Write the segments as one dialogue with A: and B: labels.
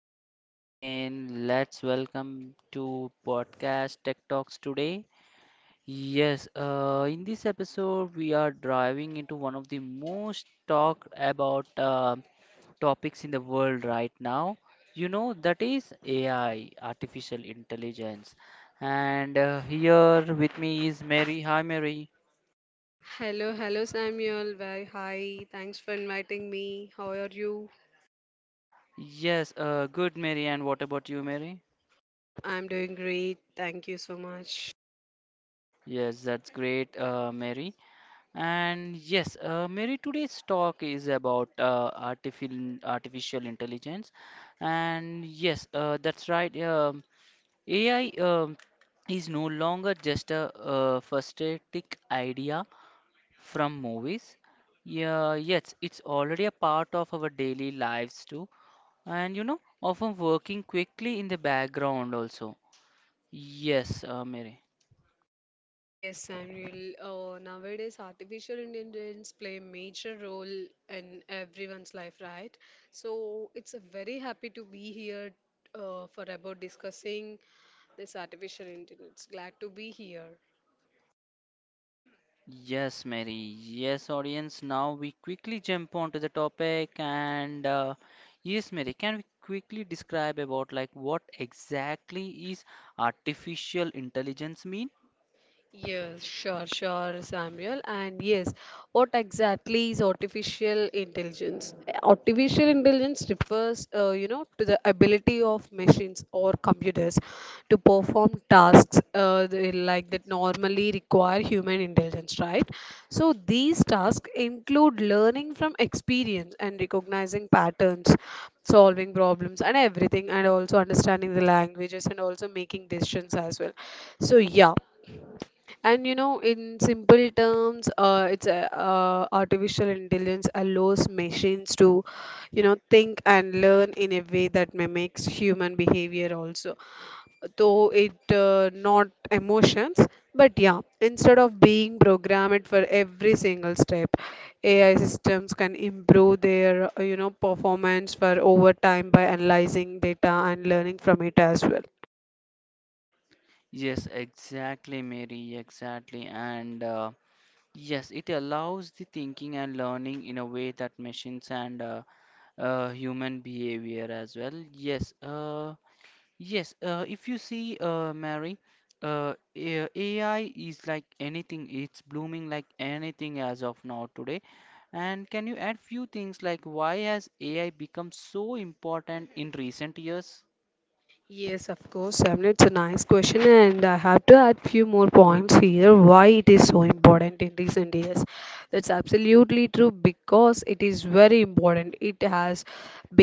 A: welcome back again. Let's welcome to podcast Tech Talks today. Yes, in this episode we are driving into one of the most talked about topics in the world right now. You know that is AI, artificial intelligence. And here with me is Mary. Hi Mary.
B: Hello, hello Samuel. Very hi. Thanks for inviting me. How are you?
A: Yes, Good Mary. And what about you, Mary?
B: I'm doing great. Thank you so much.
A: Yes, that's great, Mary. And yes, Mary, today's talk is about artificial intelligence. And yes, that's right. AI is no longer just a futuristic idea from movies. Yeah, yes, it's already a part of our daily lives too. And you know, often working quickly in the background also. Yes, Mary.
B: Yes, Samuel. Nowadays, artificial intelligence play a major role in everyone's life, right? So it's a very happy to be here for about discussing this artificial intelligence. Glad to be here.
A: Yes, Mary. Yes, audience. Now we quickly jump onto the topic, and yes, Mary, can we quickly describe about like what exactly is artificial intelligence mean?
B: Yes, sure, Samuel. And yes, what exactly is artificial intelligence? Artificial intelligence refers, to the ability of machines or computers to perform tasks like that normally require human intelligence, right? So these tasks include learning from experience and recognizing patterns, solving problems, and everything, and also understanding the languages and also making decisions as well. So yeah. And you know, in simple terms, it's artificial intelligence allows machines to, you know, think and learn in a way that mimics human behavior also. Though it not emotions, but yeah, instead of being programmed for every single step, AI systems can improve their, you know, performance for over time by analyzing data and learning from it as well.
A: Yes, exactly, Mary, exactly. And yes, it allows the thinking and learning in a way that machines and human behavior as well. Yes, Yes, if you see, Mary, AI is like anything. It's blooming like anything as of now today. And can you add few things like why has AI become so important in recent years?
B: Yes, of course, Samir. It's a nice question, and I have to add few more points here. Why it is so important in recent years? That's absolutely true because it is very important. It has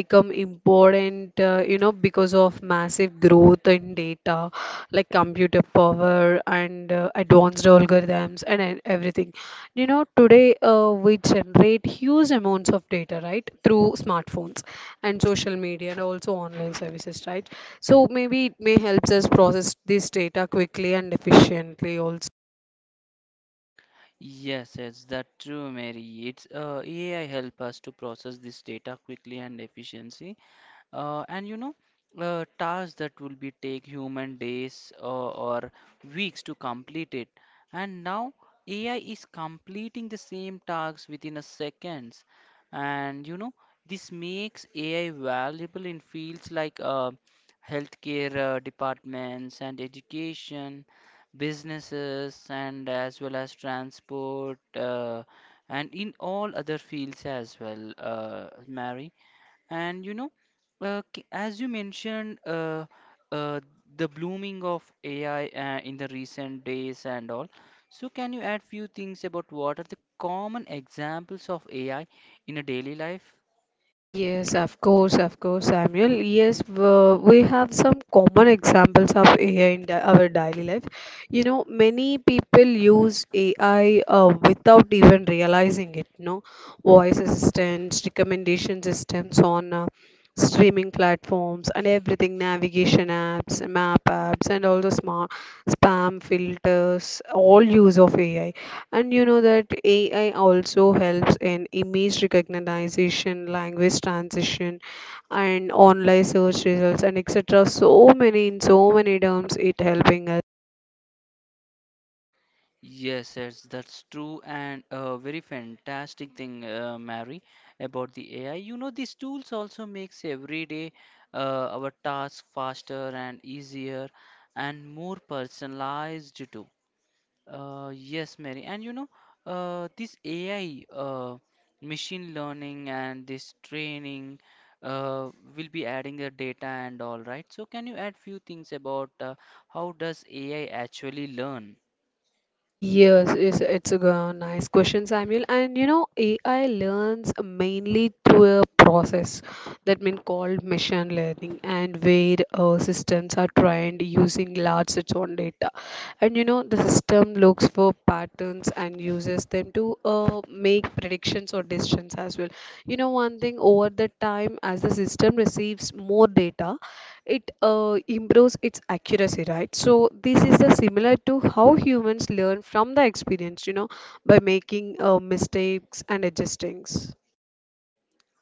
B: become important, you know, because of massive growth in data, like computer power and advanced algorithms and everything. You know, today we generate huge amounts of data, right, through smartphones and social media and also online services, right? So maybe it may helps us process this data quickly and efficiently also.
A: Yes, yes, that's true, Mary. It's AI help us to process this data quickly and efficiency. And you know, tasks that will be take human days or weeks to complete it, and now AI is completing the same tasks within a seconds. And you know, this makes AI valuable in fields like healthcare departments and education, businesses, and as well as transport, and in all other fields as well, Mary. And you know, as you mentioned, uh, the blooming of AI in the recent days and all. So, can you add few things about what are the common examples of AI in a daily life?
B: Yes, of course, Samuel. Yes, we have some common examples of AI in our daily life. You know, many people use AI without even realizing it. You know, voice assistants, recommendation systems on streaming platforms, and everything navigation apps, map apps, and all the smart spam filters all use of AI. And you know that AI also helps in image recognition, language transition, and online search results and etc. So many in so many terms it helping us.
A: Yes, yes, that's true, and a very fantastic thing, Mary, about the AI. You know, these tools also makes every day our task faster and easier and more personalized too. Yes, Mary. And you know, this AI, machine learning, and this training uh, will be adding the data and all, right? So, can you add few things about how does AI actually learn?
B: Yes, yes, it's a nice question, Samuel. And you know, AI learns mainly through a process that mean called machine learning, and where systems are trained using large sets on data. And you know, the system looks for patterns and uses them to make predictions or decisions as well. You know, one thing over the time, as the system receives more data, it improves its accuracy, right? So this is the similar to how humans learn from the experience, you know, by making mistakes and adjustings.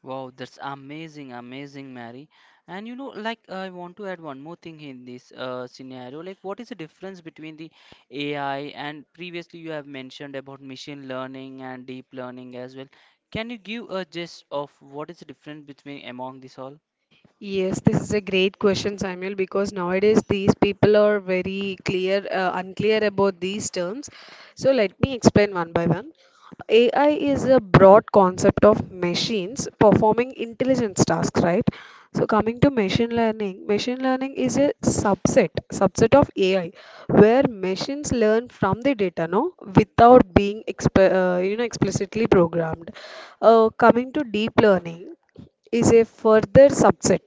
A: Wow, that's amazing, amazing, Mary. And you know, like I want to add one more thing in this scenario. Like, what is the difference between the AI, and previously you have mentioned about machine learning and deep learning as well? Can you give a gist of what is the difference between among this all?
B: Yes, this is a great question, Samuel, because nowadays these people are very clear, unclear about these terms. So let me explain one by one. AI is a broad concept of machines performing intelligence tasks, right? So coming to machine learning is a subset of AI, where machines learn from the data, no, without being exp you know explicitly programmed. Coming to deep learning is a further subset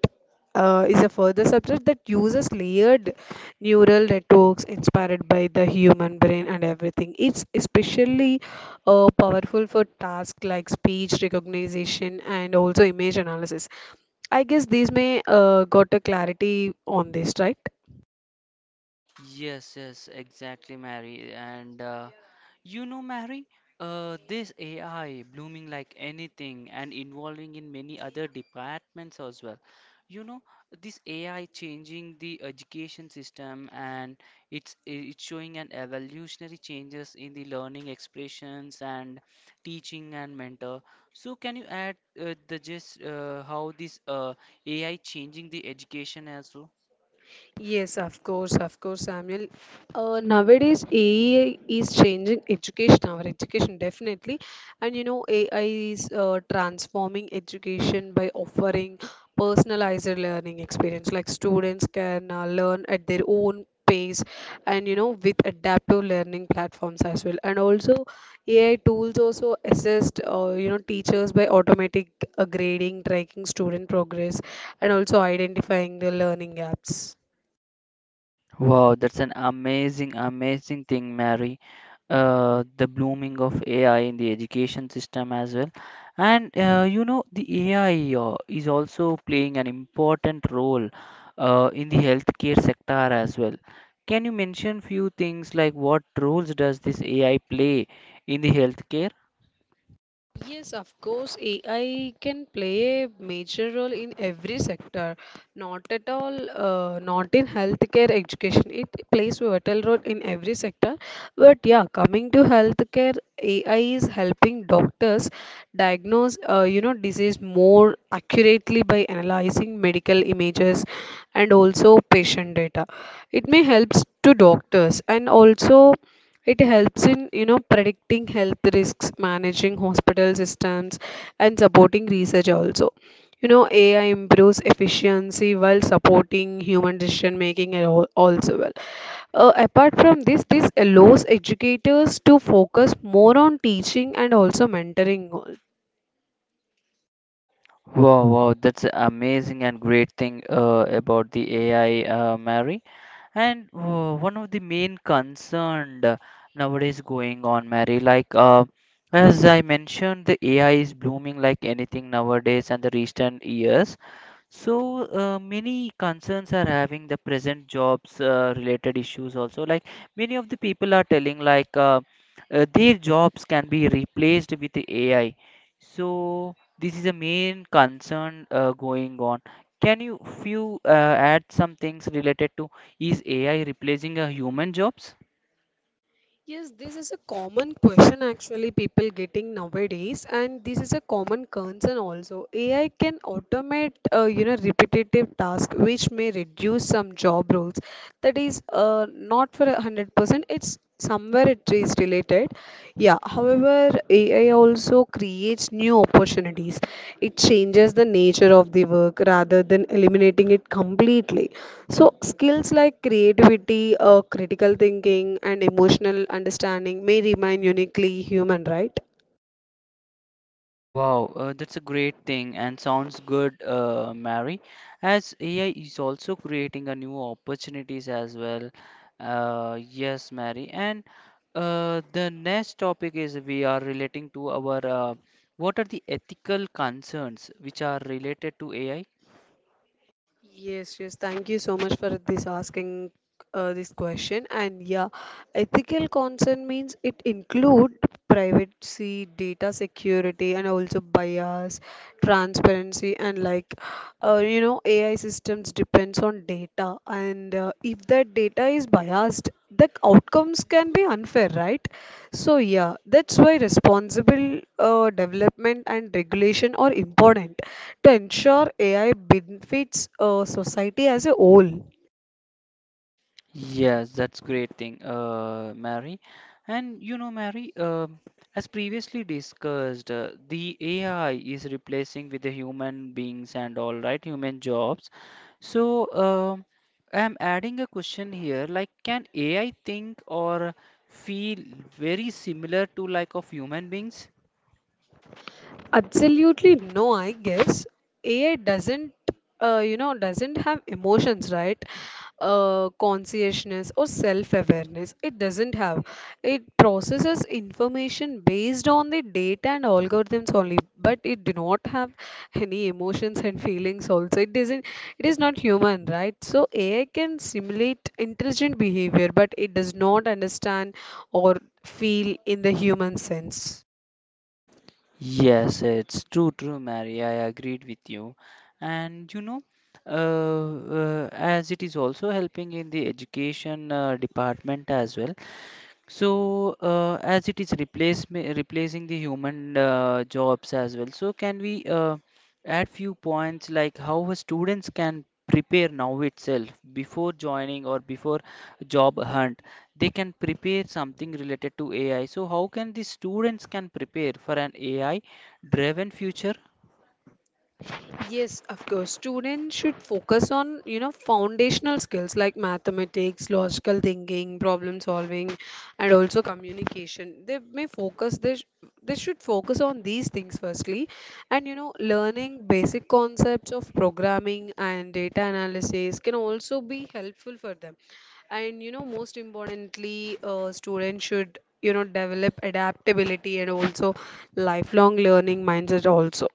B: uh, is a further subset that uses layered neural networks inspired by the human brain and everything. It's especially powerful for tasks like speech recognition and also image analysis. I guess these may got a clarity on this, right?
A: Yes, yes, exactly, Mary. And you know, Mary, this AI blooming like anything and involving in many other departments as well. You know, this AI changing the education system, and it's showing an evolutionary changes in the learning expressions and teaching and mentor. So can you add the just how this AI changing the education as well?
B: Yes, of course, Samuel. Nowadays, AI is changing education, our education definitely. And you know, AI is transforming education by offering personalized learning experience. Like students can learn at their own pace and you know, with adaptive learning platforms as well. And also, AI tools also assist you know, teachers by automatic grading, tracking student progress, and also identifying the learning gaps.
A: Wow, that's an amazing, amazing thing, Mary. The blooming of AI in the education system as well. And you know, the AI is also playing an important role in the healthcare sector as well. Can you mention few things like what roles does this AI play in the healthcare?
B: Yes, of course, AI can play a major role in every sector, not at all, not in healthcare, education. It plays a vital role in every sector. But yeah, coming to healthcare, AI is helping doctors diagnose, you know, disease more accurately by analyzing medical images and also patient data. It may helps to doctors and also it helps in, you know, predicting health risks, managing hospital systems, and supporting research also. You know, AI improves efficiency while supporting human decision making and also well. Apart from this, this allows educators to focus more on teaching and also mentoring.
A: Wow, wow, that's amazing and great thing about the AI, Mary. And one of the main concern nowadays going on, Mary, like as I mentioned, the AI is blooming like anything nowadays and the recent years. So many concerns are having the present jobs related issues also. Like many of the people are telling like their jobs can be replaced with the AI. So this is a main concern going on. Can you few add some things related to is AI replacing a human jobs?
B: Yes, this is a common question actually people getting nowadays, and this is a common concern also. AI can automate you know repetitive tasks, which may reduce some job roles. That is not for 100%. It's somewhere it is related. Yeah. However, AI also creates new opportunities. It changes the nature of the work rather than eliminating it completely. So, skills like creativity, critical thinking, and emotional understanding may remain uniquely human, right?
A: Wow, that's a great thing and sounds good, Mary. As AI is also creating a new opportunities as well. Yes, Mary. And the next topic is we are relating to our what are the ethical concerns which are related to AI?
B: Yes, yes. Thank you so much for this asking this question. And yeah, ethical concern means it include privacy, data security, and also bias, transparency, and like you know, AI systems depends on data, and if that data is biased, the outcomes can be unfair, right? So yeah, that's why responsible development and regulation are important to ensure AI benefits society as a whole.
A: Yes, that's great thing, Mary. And you know, Mary, as previously discussed, the AI is replacing with the human beings and all right, human jobs. So, um, I'm adding a question here, like, can AI think or feel very similar to like of human beings?
B: Absolutely no, I guess AI doesn't, you know, doesn't have emotions, right? Consciousness or self-awareness. It doesn't have. It processes information based on the data and algorithms only, but it do not have any emotions and feelings also. It doesn't. It is not human, right? So AI can simulate intelligent behavior, but it does not understand or feel in the human sense.
A: Yes, it's true, true, Mary. I agreed with you. And you know, as it is also helping in the education department as well, so, as it is replacing the human jobs as well, so can we add few points like how a students can prepare now itself before joining or before job hunt? They can prepare something related to AI. So, how can the students can prepare for an AI-driven future?
B: Yes, of course. Students should focus on, you know, foundational skills like mathematics, logical thinking, problem solving, and also communication. They may focus, they, sh- They should focus on these things firstly. And, you know, learning basic concepts of programming and data analysis can also be helpful for them. And you know, most importantly, students should, you know, develop adaptability and also lifelong learning mindset also.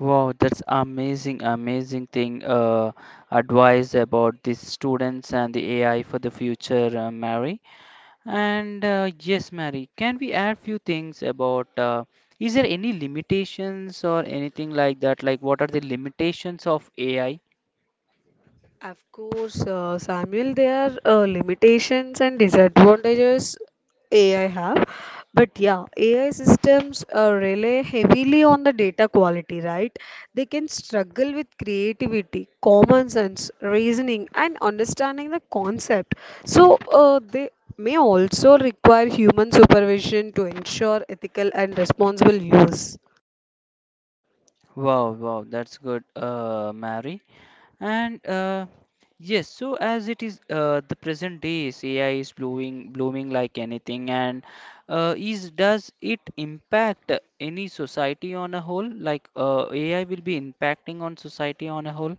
A: Wow, that's amazing, amazing thing. Advice about the students and the AI for the future, Mary. And yes, Mary, can we add few things about is there any limitations or anything like that? Like what are the limitations of AI?
B: Of course, Samuel, there are limitations and disadvantages AI have, but yeah, AI systems rely heavily on the data quality, right? They can struggle with creativity, common sense, reasoning, and understanding the concept. So they may also require human supervision to ensure ethical and responsible use.
A: Wow, wow, that's good, Mary. And yes, so as it is the present days, AI is blooming like anything, and is does it impact any society on a whole? Like AI will be impacting on society on a whole?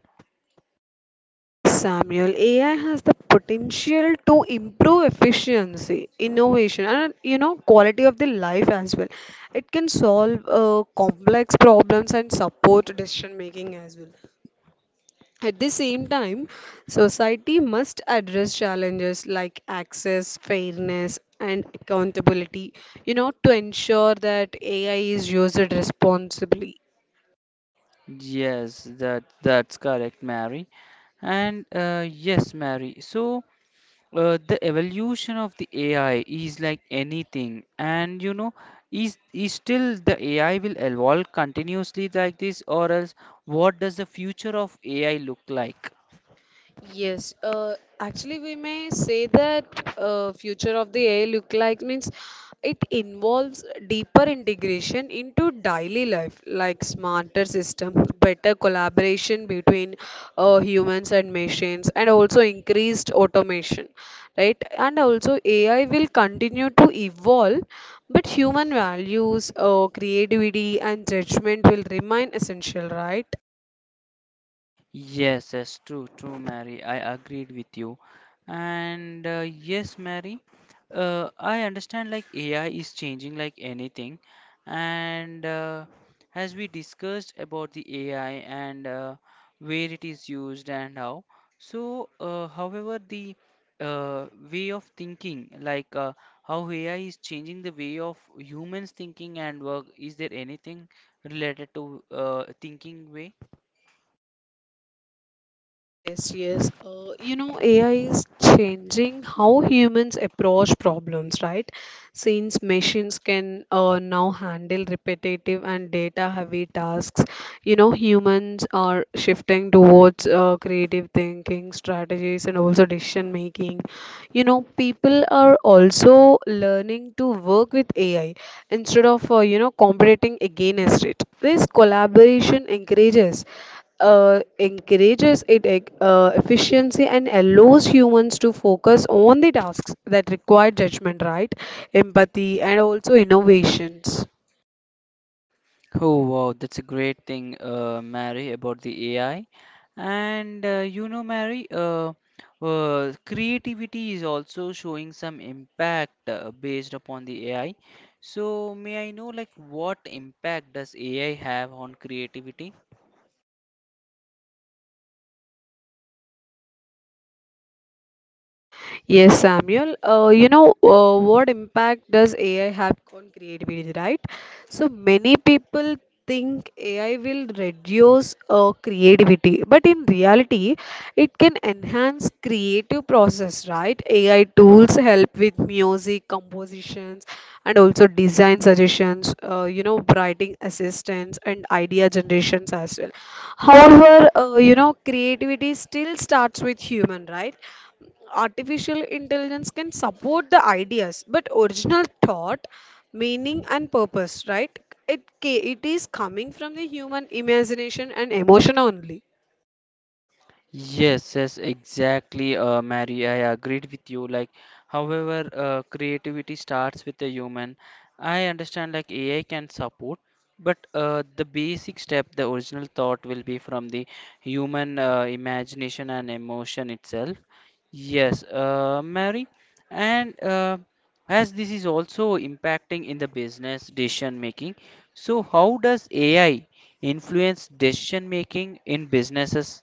B: Yes, Samuel, AI has the potential to improve efficiency, innovation, and you know, quality of the life as well. It can solve complex problems and support decision making as well. At the same time, society must address challenges like access, fairness, and accountability, you know, to ensure that AI is used responsibly.
A: Yes, that that's correct, Mary. And yes, Mary. So the evolution of the AI is like anything, and you know, is still the AI will evolve continuously like this, or else what does the future of AI look like?
B: Yes, actually, we may say that future of the AI look like means it involves deeper integration into daily life, like smarter systems, better collaboration between humans and machines, and also increased automation, right? And also AI will continue to evolve, but human values, creativity, and judgment will remain essential, right?
A: Yes, yes, true, true, Mary. I agreed with you. And yes, Mary, I understand like AI is changing like anything. And as we discussed about the AI and where it is used and how, so however, the uh, way of thinking, like how AI is changing the way of humans thinking and work, is there anything related to thinking way?
B: Yes, yes. You know, AI is changing how humans approach problems, right? Since machines can now handle repetitive and data-heavy tasks, you know, humans are shifting towards creative thinking, strategies, and also decision making. You know, people are also learning to work with AI instead of, you know, competing against it. This collaboration encourages efficiency and allows humans to focus on the tasks that require judgment, right? Empathy and also innovations.
A: Oh wow, that's a great thing, Mary, about the AI. And you know, Mary, creativity is also showing some impact based upon the AI. So, may I know, like, what impact does AI have on creativity?
B: Yes, Samuel. What impact does AI have on creativity, right? So many people think AI will reduce creativity, but in reality, it can enhance creative process, right? AI tools help with music compositions and also design suggestions, you know, writing assistance and idea generations as well. However, you know, creativity still starts with human, right? Artificial intelligence can support the ideas, but original thought, meaning and purpose, right? It is coming from the human imagination and emotion only.
A: Yes, yes, exactly, Mary. I agreed with you. Like, however, creativity starts with the human. I understand like AI can support, but the basic step, the original thought, will be from the human imagination and emotion itself. Yes, Mary, and as this is also impacting in the business decision making, so how does AI influence decision making in businesses?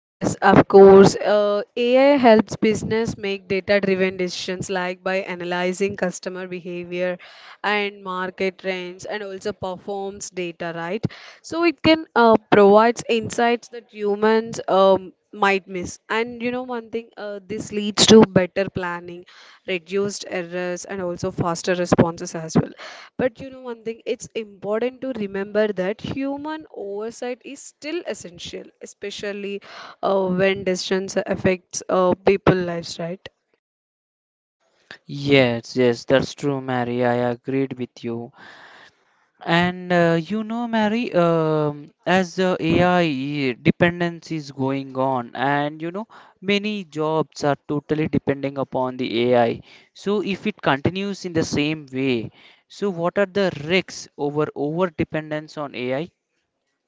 B: Yes, of course. AI helps business make data-driven decisions like by analyzing customer behavior and market trends and also performs data, right? So it can provides insights that humans might miss. And you know one thing, this leads to better planning, reduced errors and also faster responses as well. But you know one thing, it's important to remember that human oversight is still essential, especially when distance affects people lives, right?
A: Yes, yes, that's true, Mary. I agreed with you. And you know, Mary, as the AI dependence is going on, and you know, many jobs are totally depending upon the AI. So, if it continues in the same way, so what are the risks over dependence on AI?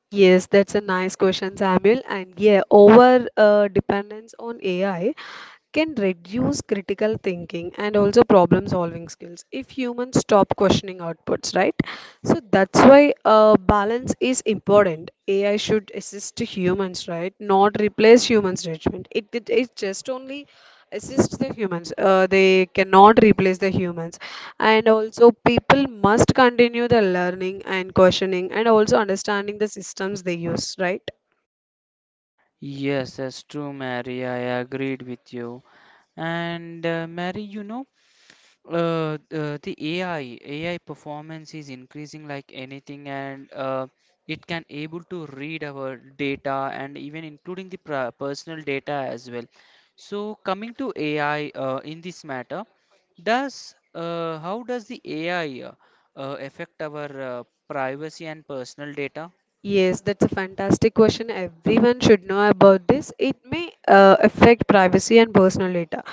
B: Yes, that's a nice question, Samuel. And yeah, over dependence on AI can reduce critical thinking and also problem solving skills if humans stop questioning outputs, right? So that's why balance is important. AI should assist humans, right? Not replace humans' judgment. It just only assist the humans. They cannot replace the humans. And also people must continue the learning and questioning and also understanding the systems they use, right?
A: Yes, that's true, Mary. I agreed with you. And Mary, you know, the AI performance is increasing like anything, and it can able to read our data and even including the personal data as well. So coming to AI in this matter, does how does the AI affect our privacy and personal data?
B: Yes, that's a fantastic question. Everyone should know about this. It may affect privacy and personal data.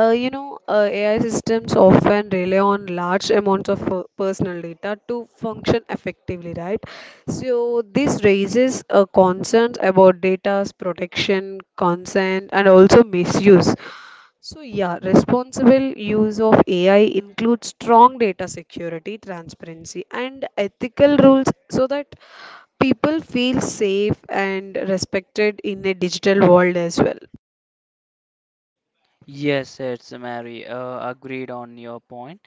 B: AI systems often rely on large amounts of personal data to function effectively, right? So this raises concerns about data's protection, consent, and also misuse. So, yeah, responsible use of AI includes strong data security, transparency, and ethical rules so that people feel safe and respected in a digital world as well.
A: Yes, it's Mary. Agreed on your point.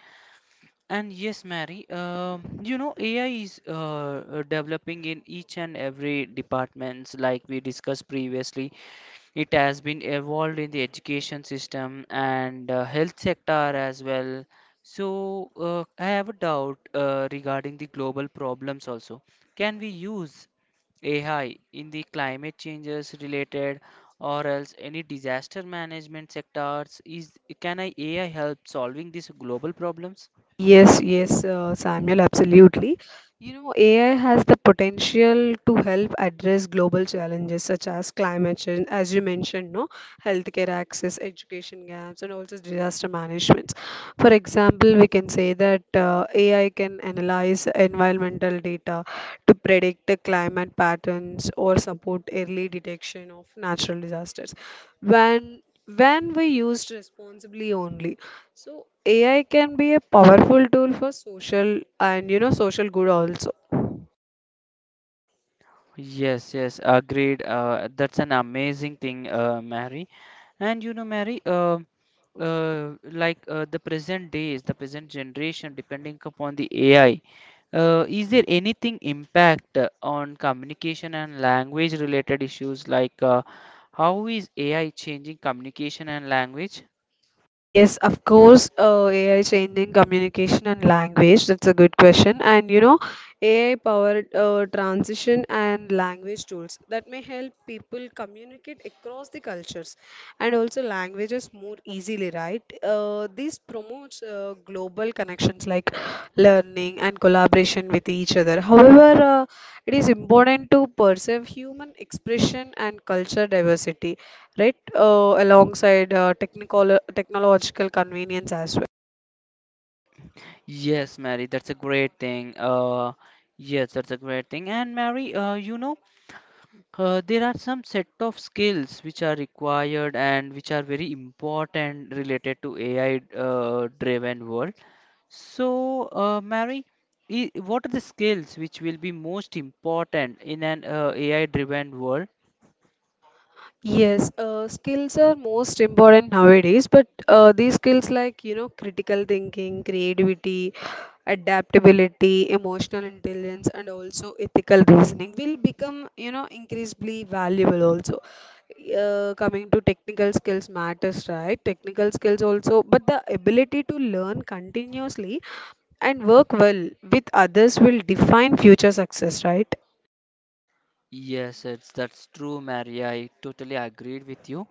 A: And yes, Mary, you know, AI is developing in each and every departments, like we discussed previously. It has been evolved in the education system and health sector as well. So I have a doubt regarding the global problems also. Can we use AI in the climate changes related or else any disaster management sectors? Is can I AI help solving these global problems?
B: Yes, yes, Samuel, absolutely. You know, AI has the potential to help address global challenges such as climate change, as you mentioned, no, healthcare access, education gaps, and also disaster management. For example, we can say that AI can analyze environmental data to predict the climate patterns or support early detection of natural disasters. When when we used responsibly only. So AI can be a powerful tool for social and, you know, social good also.
A: Yes, yes, agreed. That's an amazing thing, Mary. And you know, Mary, like the present days, the present generation, depending upon the AI, is there anything impact on communication and language related issues? Like, how is AI changing communication and language?
B: Yes, of course, AI is changing communication and language. That's a good question. And you know, AI powered transition and language tools that may help people communicate across the cultures and also languages more easily, right? This promotes global connections like learning and collaboration with each other. However, it is important to preserve human expression and culture diversity, right? Alongside technical technological convenience as well.
A: Yes, Mary, that's a great thing. Yes, that's a great thing. And Mary, you know. There are some set of skills which are required and which are very important related to AI driven world. So, Mary, what are the skills which will be most important in an AI driven world?
B: Yes, skills are most important nowadays, but these skills, like, you know, critical thinking, creativity, adaptability, emotional intelligence, and also ethical reasoning will become, you know, increasingly valuable also. Coming to technical skills matters, right? Technical skills also, but the ability to learn continuously and work well with others will define future success, right?
A: Yes, it's that's true, Mary. I totally agreed with you.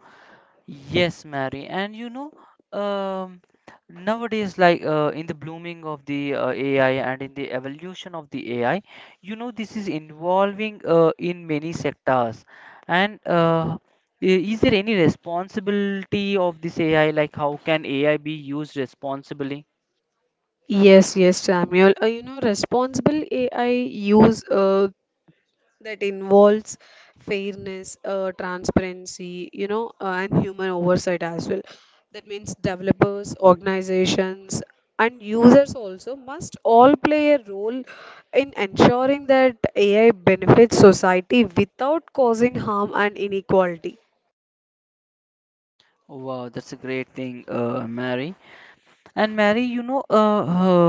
A: Yes, Mary, and you know, um, nowadays, like in the blooming of the AI and in the evolution of the AI, you know, this is involving in many sectors. And i- is there any responsibility of this AI? Like, how can AI be used responsibly?
B: Yes, yes, Samuel. You know, responsible AI use that involves fairness, transparency, you know, and human oversight as well. That means developers, organizations, and users also must all play a role in ensuring that AI benefits society without causing harm and inequality.
A: Wow, that's a great thing, Mary. And Mary, you know, uh,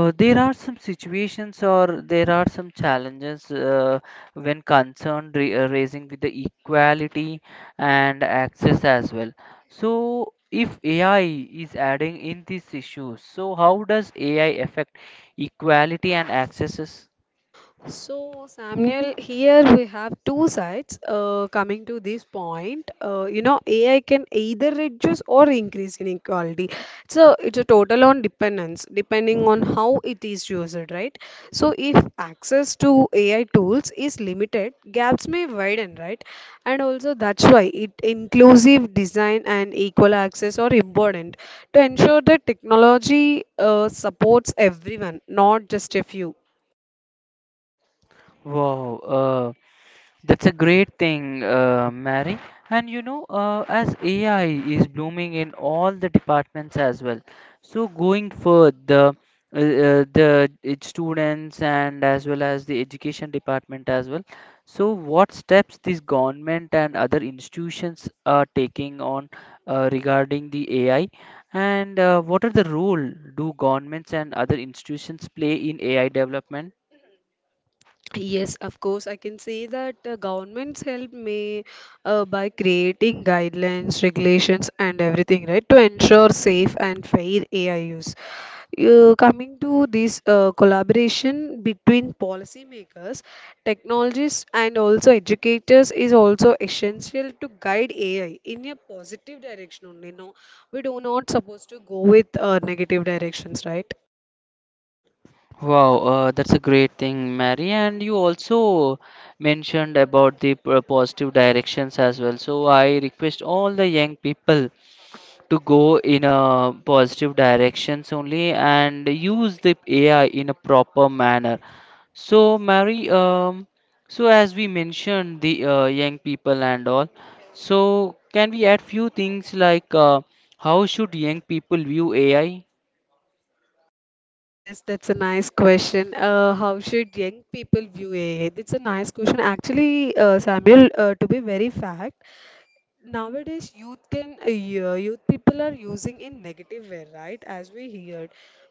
A: uh, there are some situations or there are some challenges when concerned raising with the equality and access as well. So, if AI is adding in these issues, so how does AI affect equality and accesses?
B: So, Samuel, here we have two sides coming to this point. You know, AI can either reduce or increase inequality. So, it's a total on dependence, depending on how it is used, right? So, if access to AI tools is limited, gaps may widen, right? And also, that's why it inclusive design and equal access are important to ensure that technology supports everyone, not just a few.
A: Wow, that's a great thing, Mary. And you know, as AI is blooming in all the departments as well. So going further, the students and as well as the education department as well. So what steps this government and other institutions are taking on regarding the AI, and what are the role do governments and other institutions play in AI development?
B: Yes, of course, I can say that governments help me by creating guidelines, regulations, and everything, right, to ensure safe and fair AI use. Coming to this collaboration between policymakers, technologists, and also educators is also essential to guide AI in a positive direction only. No, we do not supposed to go with negative directions, right?
A: Wow, that's a great thing, Mary. And you also mentioned about the positive directions as well. So I request all the young people to go in a positive directions only and use the AI in a proper manner. So, Mary, so as we mentioned the young people and all, so can we add few things like how should young people view AI?
B: Yes, that's a nice question. How should young people view AI? It's a nice question. Actually, Samuel, to be very fact, nowadays youth can yeah, youth people are using in negative way, right, as we heard.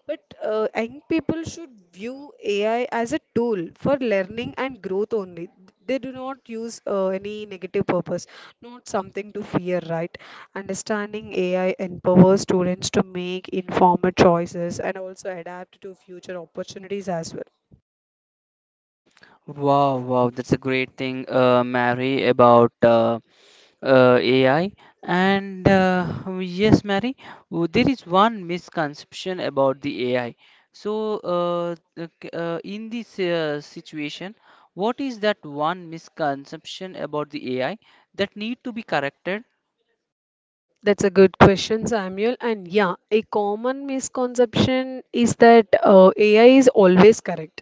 B: But young people should view AI as a tool for learning and growth only. They do not use any negative purpose, not something to fear, right? Understanding AI empowers students to make informed choices and also adapt to future opportunities as well.
A: Wow, wow, that's a great thing, Mary, about AI. And yes, Mary, there is one misconception about the AI. So, in this situation, what is that one misconception about the AI that need to be corrected?
B: That's a good question, Samuel. And yeah, a common misconception is that AI is always correct.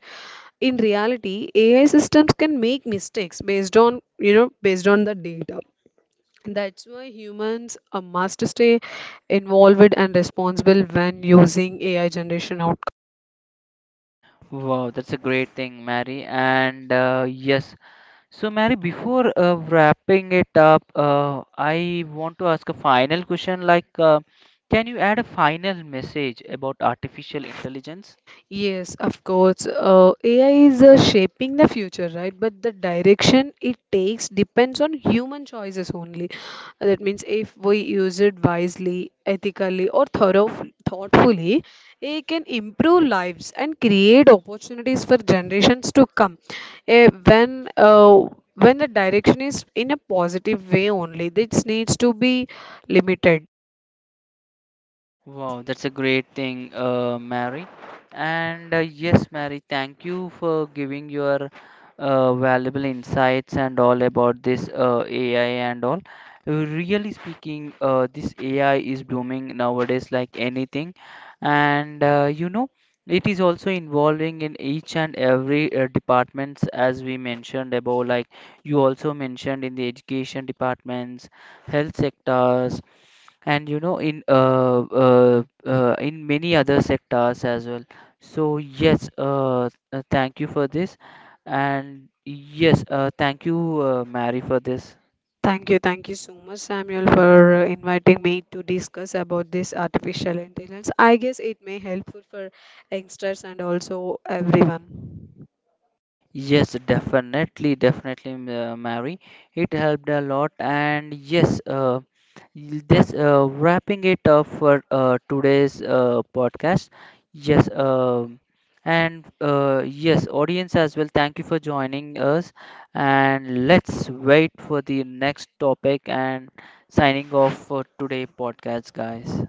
B: In reality, AI systems can make mistakes based on, you know, based on the data. That's why humans must stay involved and responsible when using AI generation outcomes.
A: Wow, that's a great thing, Mary. And yes, so, Mary, before wrapping it up, I want to ask a final question. Like, can you add a final message about artificial intelligence?
B: Yes, of course. AI is shaping the future, right? But the direction it takes depends on human choices only. That means if we use it wisely, ethically, or thoughtfully, AI can improve lives and create opportunities for generations to come. Eh, when the direction is in a positive way only, this needs to be limited.
A: Wow, that's a great thing, Mary. And yes, Mary, thank you for giving your valuable insights and all about this AI and all. Really speaking, this AI is booming nowadays like anything, and you know, it is also involving in each and every departments as we mentioned above. Like you also mentioned in the education departments, health sectors, and you know in many other sectors as well. So yes, thank you for this. And yes, thank you, Mary, for this.
B: Thank you so much, Samuel, for inviting me to discuss about this artificial intelligence. I guess it may helpful for youngsters and also everyone.
A: Yes, definitely, definitely, Mary. It helped a lot, and yes, this wrapping it up for today's podcast. Yes, and yes, audience as well. Thank you for joining us, and let's wait for the next topic. And signing off for today podcast, guys.